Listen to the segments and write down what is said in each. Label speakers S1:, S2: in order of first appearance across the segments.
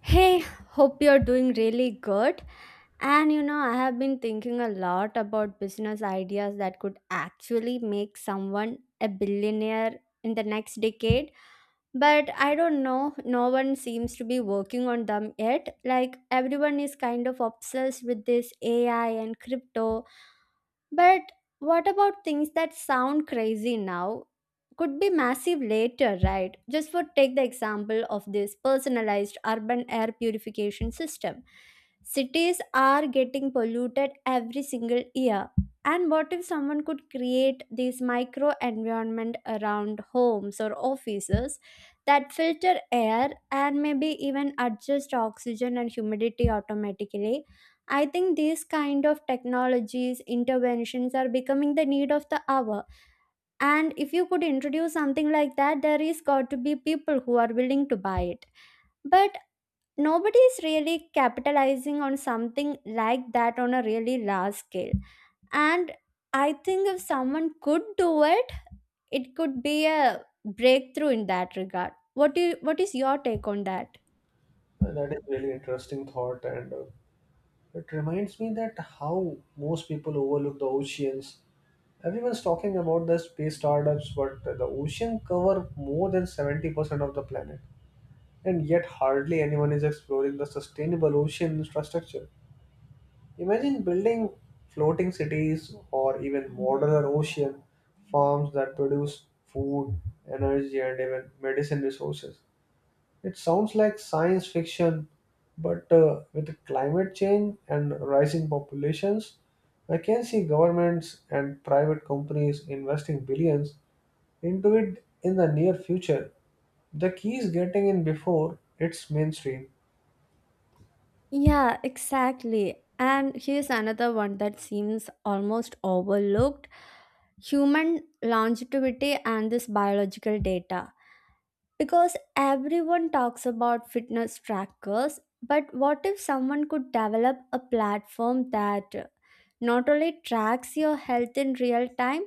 S1: Hey, hope you're doing really good. And you know, I have been thinking a lot about business ideas that could actually make someone a billionaire in the next decade. But I don't know, no one seems to be working on them yet. Like, everyone is kind of obsessed with this AI and crypto, but what about things that sound crazy now? Could be massive later, right? Just for take the example of this personalized urban air purification system. Cities are getting polluted every single year. And what if someone could create these micro environment around homes or offices that filter air and maybe even adjust oxygen and humidity automatically? I think these kind of technologies, interventions are becoming the need of the hour. And if you could introduce something like that, there is got to be people who are willing to buy it. But nobody is really capitalizing on something like that on a really large scale. And I think if someone could do it, it could be a breakthrough in that regard. What do you, what is your take on that?
S2: That is really interesting thought, and it reminds me that how most people overlook the oceans. Everyone's talking about the space startups, but the ocean cover more than 70% of the planet, and yet hardly anyone is exploring the sustainable ocean infrastructure. Imagine building floating cities or even modular ocean farms that produce food, energy, and even medicine resources. It sounds like science fiction, but with climate change and rising populations, I can see governments and private companies investing billions into it in the near future. The key is getting in before it's mainstream.
S1: Yeah, exactly. And here's another one that seems almost overlooked, human longevity and this biological data. Because everyone talks about fitness trackers, but what if someone could develop a platform that not only tracks your health in real time,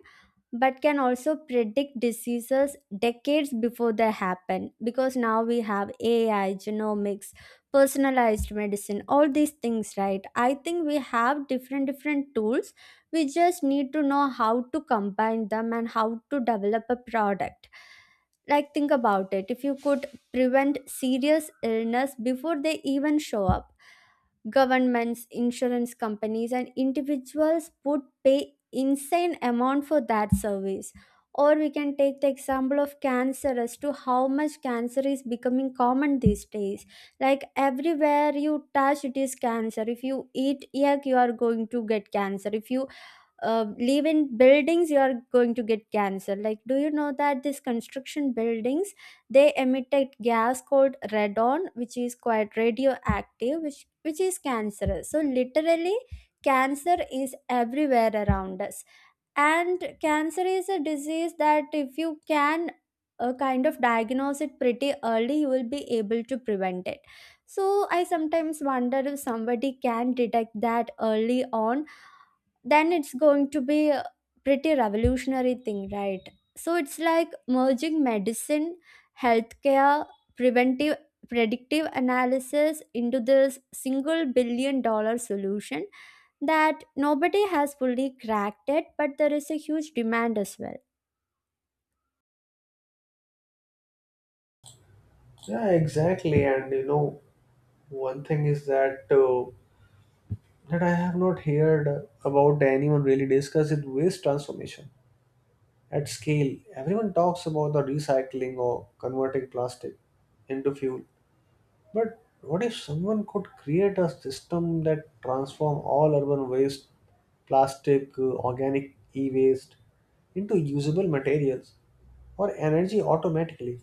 S1: but can also predict diseases decades before they happen, because now we have AI, genomics, personalized medicine, all these things, right? I think we have different tools. We just need to know how to combine them and how to develop a product. Like think about it. If you could prevent serious illness before they even show up, governments, insurance companies, and individuals would pay insane amount for that service. Or we can take the example of cancer as to how much cancer is becoming common these days. Like everywhere you touch, it is cancer. If you eat egg, you are going to get cancer. If you live in buildings, you are going to get cancer. Like, do you know that these construction buildings, they emitted gas called radon, which is quite radioactive, which is cancerous? So literally cancer is everywhere around us, and cancer is a disease that if you can kind of diagnose it pretty early, you will be able to prevent it. So I sometimes wonder if somebody can detect that early on, then it's going to be a pretty revolutionary thing, right? So it's like merging medicine, healthcare, preventive, predictive analysis into this single $1 billion solution that nobody has fully cracked it, but there is a huge demand as well.
S2: Yeah, exactly. And you know, one thing is that that I have not heard about anyone really discuss is waste transformation at scale. Everyone talks about the recycling or converting plastic into fuel, but what if someone could create a system that transform all urban waste, plastic, organic e-waste into usable materials or energy automatically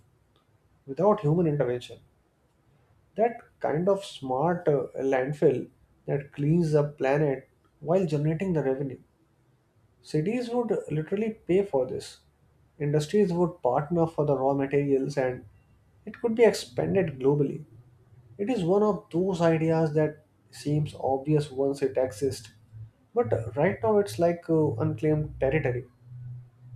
S2: without human intervention? That kind of smart landfill that cleans the planet while generating the revenue. Cities would literally pay for this. Industries would partner for the raw materials and it could be expanded globally. It is one of those ideas that seems obvious once it exists, but right now it's like unclaimed territory.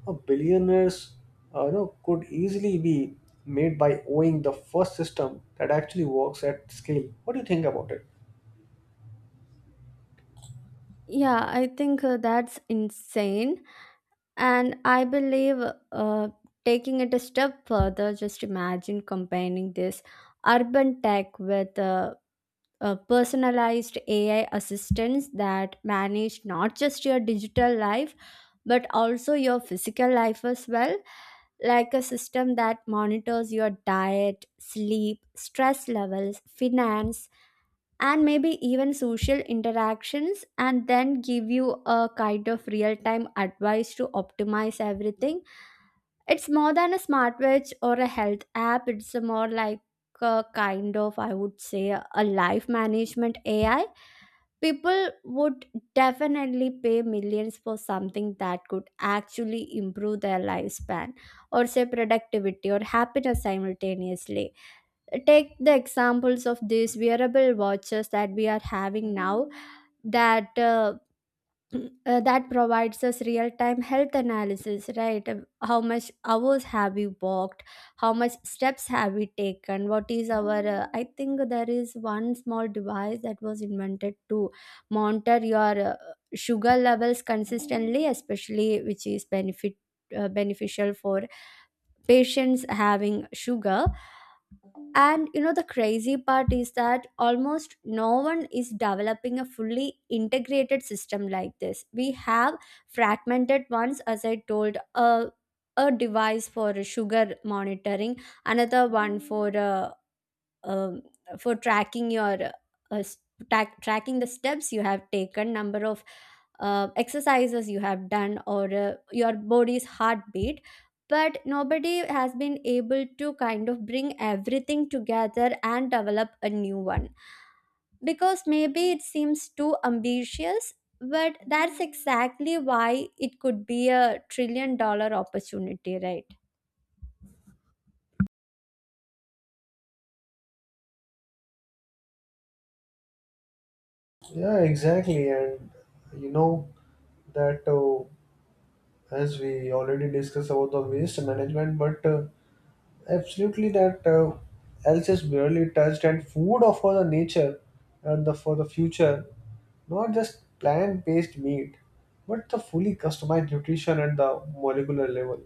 S2: A billionaires, you know, could easily be made by owning the first system that actually works at scale. What do you think about it?
S1: Yeah, I think that's insane. And I believe, uh, taking it a step further, just imagine combining this urban tech with personalized AI assistants that manage not just your digital life, but also your physical life as well, like a system that monitors your diet, sleep, stress levels, finance and maybe even social interactions and then give you a kind of real time advice to optimize everything. It's more than a smartwatch or a health app. It's a more like a kind of, I would say, a life management AI. People would definitely pay millions for something that could actually improve their lifespan or say productivity or happiness simultaneously. Take the examples of these wearable watches that we are having now that that provides us real time health analysis, right? How much hours have we walked, how much steps have we taken, what is our, I think there is one small device that was invented to monitor your sugar levels consistently, especially which is benefit beneficial for patients having sugar. And you know, the crazy part is that almost no one is developing a fully integrated system like this. We have fragmented ones, as I told, a device for sugar monitoring, another one um, for tracking your uh, tracking the steps you have taken, number of exercises you have done, or your body's heartbeat. But nobody has been able to kind of bring everything together and develop a new one, because maybe it seems too ambitious, but that's exactly why it could be a $1 trillion opportunity, right?
S2: Yeah, exactly, and you know that as we already discussed about the waste management, but absolutely, that else is barely touched, and food of for the nature and the for the future, not just plant-based meat, but the fully customized nutrition at the molecular level.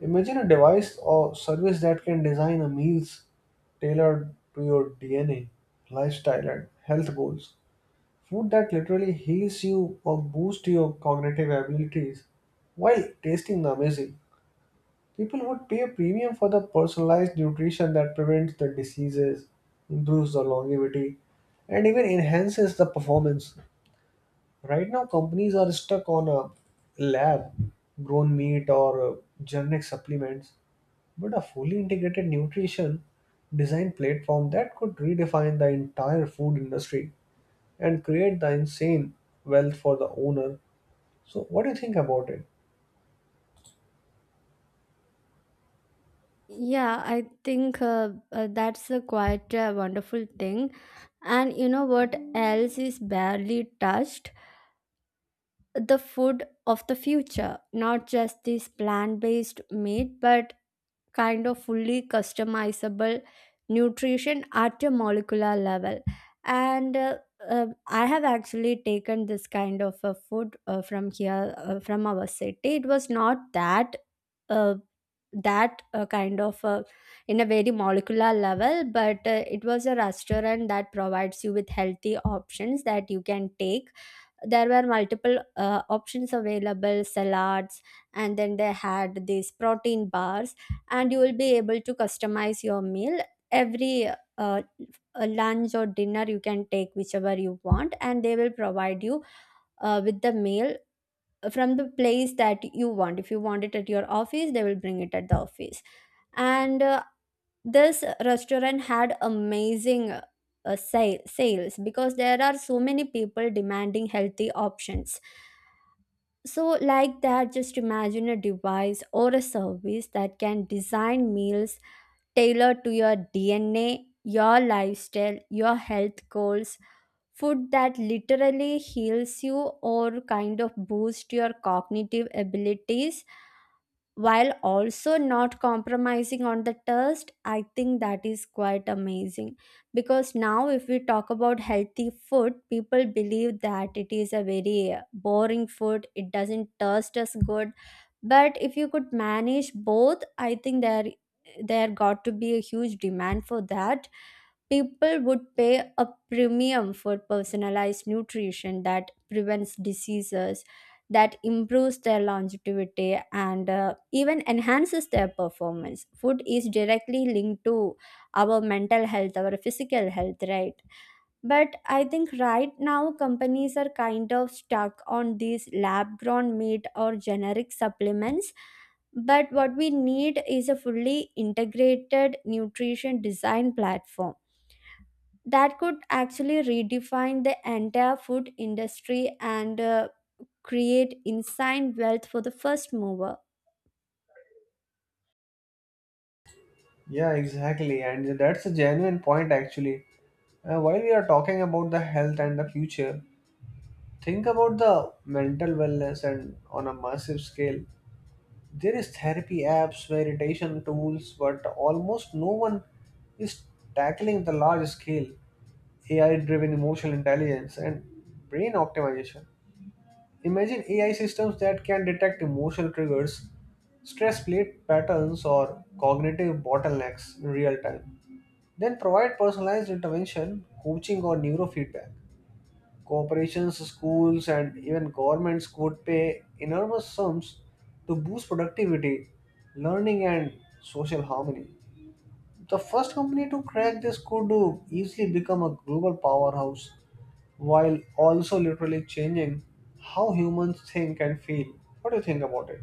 S2: Imagine a device or service that can design a meals tailored to your DNA, lifestyle, and health goals. Food that literally heals you or boosts your cognitive abilities while tasting amazing. People would pay a premium for the personalized nutrition that prevents the diseases, improves the longevity, and even enhances the performance. Right now, companies are stuck on a lab grown meat or generic supplements, but a fully integrated nutrition design platform that could redefine the entire food industry and create the insane wealth for the owner. So, what do you think about it?
S1: Yeah, I think that's a quite a wonderful thing. And you know what else is barely touched? The food of the future. Not just this plant based meat, but kind of fully customizable nutrition at a molecular level. And I have actually taken this kind of a food from here, from our city. It was not that uh, kind of in a very molecular level, but it was a restaurant that provides you with healthy options that you can take. There were multiple options available, salads, and then they had these protein bars, and you will be able to customize your meal. Every lunch or dinner you can take whichever you want, and they will provide you with the meal from the place that you want. If you want it at your office, they will bring it at the office. And this restaurant had amazing sales, because there are so many people demanding healthy options. So like that, just imagine a device or a service that can design meals tailored to your DNA, your lifestyle, your health goals. Food that literally heals you or kind of boosts your cognitive abilities while also not compromising on the taste. I think that is quite amazing, because now if we talk about healthy food, people believe that it is a very boring food, it doesn't taste as good. But if you could manage both, I think there got to be a huge demand for that. People would pay a premium for personalized nutrition that prevents diseases, that improves their longevity, and even enhances their performance. Food is directly linked to our mental health, our physical health, right? But I think right now companies are kind of stuck on these lab grown meat or generic supplements. But what we need is a fully integrated nutrition design platform that could actually redefine the entire food industry and create insane wealth for the first mover.
S2: Yeah, exactly. And that's a genuine point, actually. While we are talking about the health and the future, think about the mental wellness and on a massive scale. There is therapy apps, meditation tools, but almost no one is tackling the large scale AI-driven emotional intelligence and brain optimization. Imagine AI systems that can detect emotional triggers, stress plate patterns, or cognitive bottlenecks in real time then provide personalized intervention, coaching, or neurofeedback. Corporations, schools, and even governments could pay enormous sums to boost productivity, learning, and social harmony. The first company to crack this could do easily become a global powerhouse while also literally changing how humans think and feel. What do you think about it?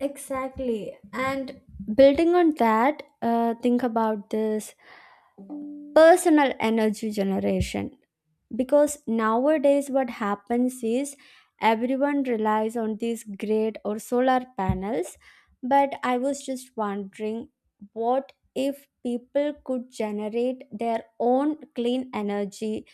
S1: Exactly. And building on that, think about this personal energy generation, because nowadays what happens is everyone relies on these grid or solar panels. But I was just wondering, what if people could generate their own clean energy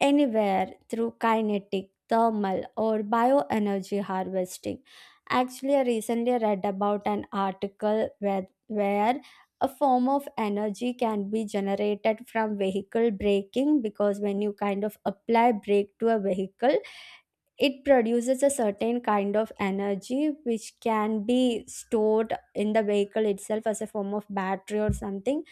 S1: anywhere through kinetic, thermal, or bioenergy harvesting? Actually, I recently read about an article where a form of energy can be generated from vehicle braking, because when you kind of apply brake to a vehicle, it produces a certain kind of energy which can be stored in the vehicle itself as a form of battery or something.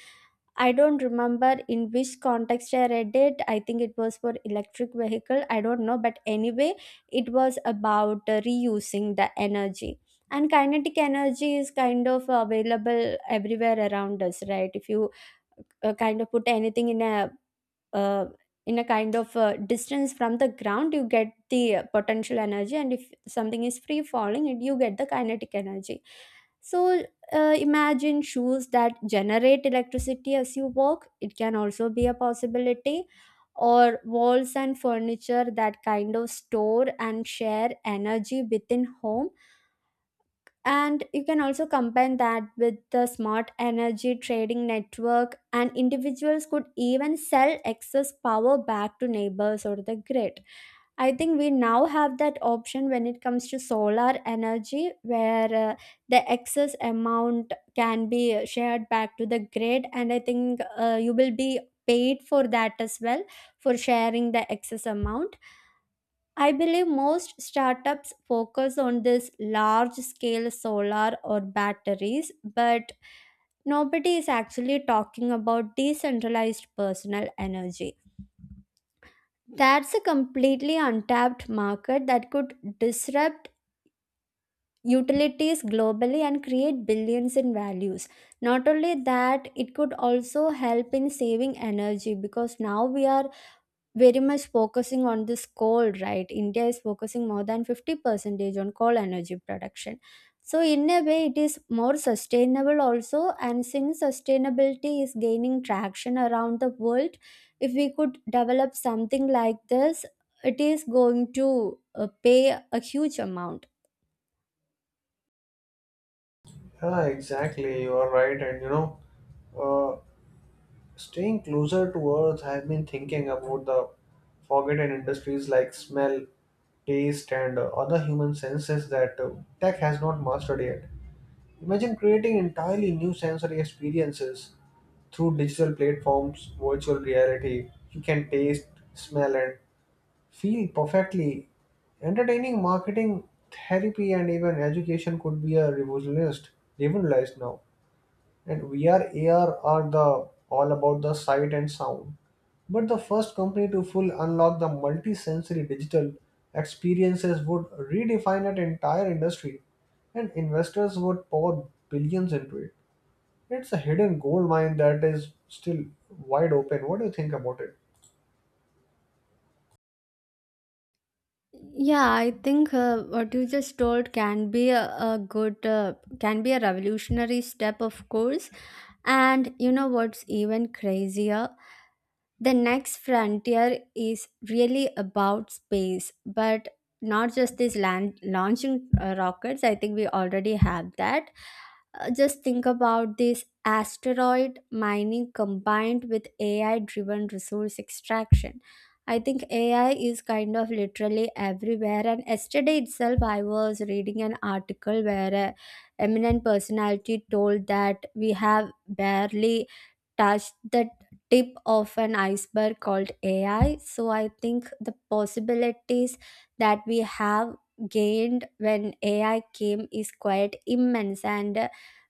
S1: I don't remember in which context I read it. I think it was for electric vehicle. I don't know, but anyway, it was about reusing the energy. And kinetic energy is kind of available everywhere around us, right? If you kind of put anything in uh, a kind of distance from the ground, you get the potential energy, and if something is free falling, it, you get the kinetic energy. So imagine shoes that generate electricity as you walk, it can also be a possibility. Or walls and furniture that kind of store and share energy within home, and you can also combine that with the smart energy trading network, and individuals could even sell excess power back to neighbors or the grid. I think we now have that option when it comes to solar energy, where the excess amount can be shared back to the grid, and I think you will be paid for that as well, for sharing the excess amount. I believe most startups focus on this large scale solar or batteries, but nobody is actually talking about decentralized personal energy. That's a completely untapped market that could disrupt utilities globally and create billions in values. Not only that, it could also help in saving energy, because now we are very much focusing on this coal, right? India is focusing more than 50 percentage on coal energy production. So in a way, it is more sustainable also, and since sustainability is gaining traction around the world, if we could develop something like this, it is going to pay a huge amount.
S2: Yeah, exactly. You are right, and you know, uh, staying closer to earth, I've been thinking about the forgotten industries like smell, taste, and other human senses that tech has not mastered yet. Imagine creating entirely new sensory experiences through digital platforms, virtual reality. You can taste, smell, and feel perfectly. Entertaining marketing, therapy, and even education could be a revolutionized now. And VR AR are the all about the sight and sound, but the first company to full unlock the multi-sensory digital experiences would redefine an entire industry, and investors would pour billions into it. It's a hidden gold mine that is still wide open. What do you think about it?
S1: Yeah, I think what you just told can be a good, can be a revolutionary step, of course. And you know what's even crazier? The next frontier is really about space, but not just this land launching rockets. I think we already have that. Just think about this asteroid mining combined with AI driven resource extraction. I think AI is kind of literally everywhere. And yesterday itself, I was reading an article where a eminent personality told that we have barely touched the tip of an iceberg called AI. So I think the possibilities that we have gained when AI came is quite immense, and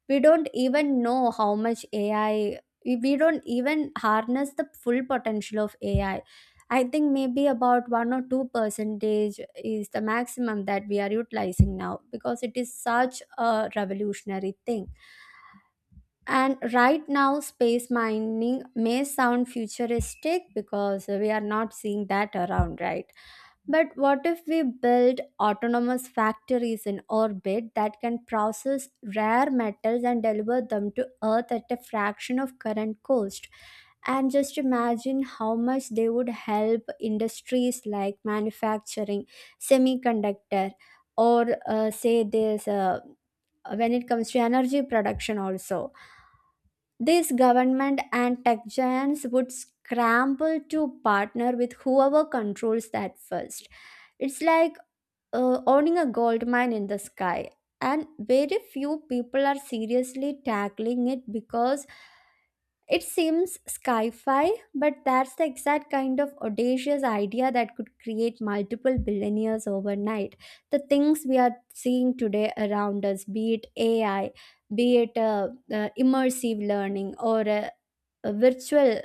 S1: we don't even know how much AI. We don't even harness the full potential of AI. I think maybe about one or two percentage is the maximum that we are utilizing now, because it is such a revolutionary thing. And right now, space mining may sound futuristic because we are not seeing that around, right? But what if we build autonomous factories in orbit that can process rare metals and deliver them to Earth at a fraction of current cost? And just imagine how much they would help industries like manufacturing, semiconductor, or say this when it comes to energy production also. These government and tech giants would scramble to partner with whoever controls that first. It's like owning a gold mine in the sky. And very few people are seriously tackling it because it seems sci fi, but that's the exact kind of audacious idea that could create multiple billionaires overnight. The things we are seeing today around us, be it AI, be it immersive learning, or a virtual,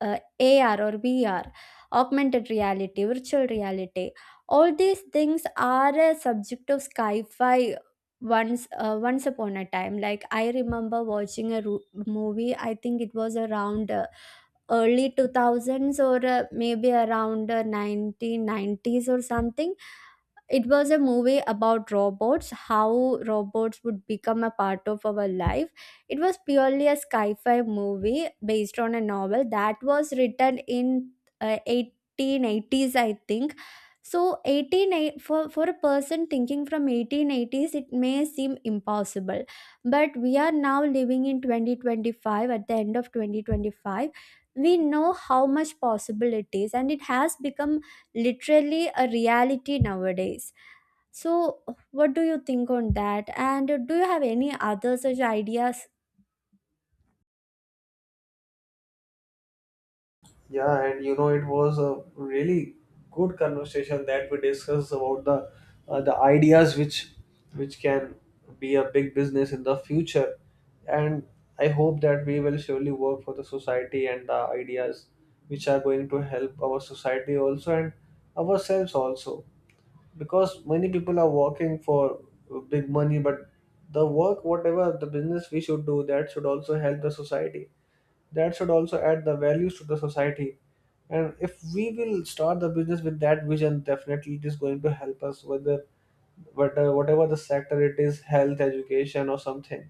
S1: AR or VR, augmented reality, virtual reality, all these things are a subject of sci fi once upon a time. Like, I remember watching a movie, I think it was around early 2000s or maybe around 1990s or something. It was a movie about robots, how robots would become a part of our life. It was purely a sci-fi movie based on a novel that was written in 1880s, I think. so 18 eight- for a person thinking from 1880s, it may seem impossible, but we are now living in 2025, at the end of 2025. We know how much possible it is and it has become literally a reality nowadays. So, what do you think on that? And do you have any other such ideas?
S2: Yeah, and you know, it was a really good conversation that we discussed about the the ideas which can be a big business in the future. And I hope that we will surely work for the society and the ideas which are going to help our society also and ourselves also. Because many people are working for big money, but the work, whatever the business we should do, that should also help the society, that should also add the values to the society, and if we will start the business with that vision definitely it is going to help us, whether whatever the sector it is health education or something,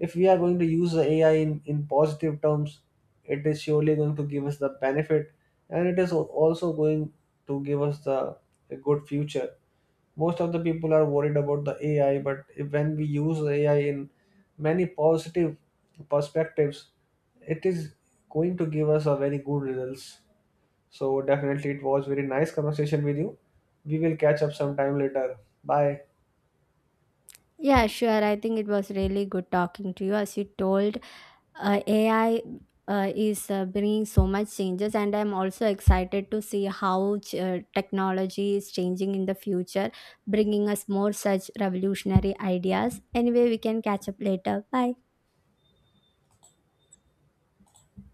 S2: if we are going to use the ai in positive terms it is surely going to give us the benefit, and it is also going to give us the a good future. Most of the people are worried about the ai, but when we use ai in many positive perspectives it is going to give us a very good results. So definitely it was very nice conversation with you. We will catch up sometime later. Bye.
S1: Yeah, sure. I think it was really good talking to you. As you told, AI is bringing so much changes, and I'm also excited to see how technology is changing in the future, bringing us more such revolutionary ideas. Anyway, we can catch up later. Bye.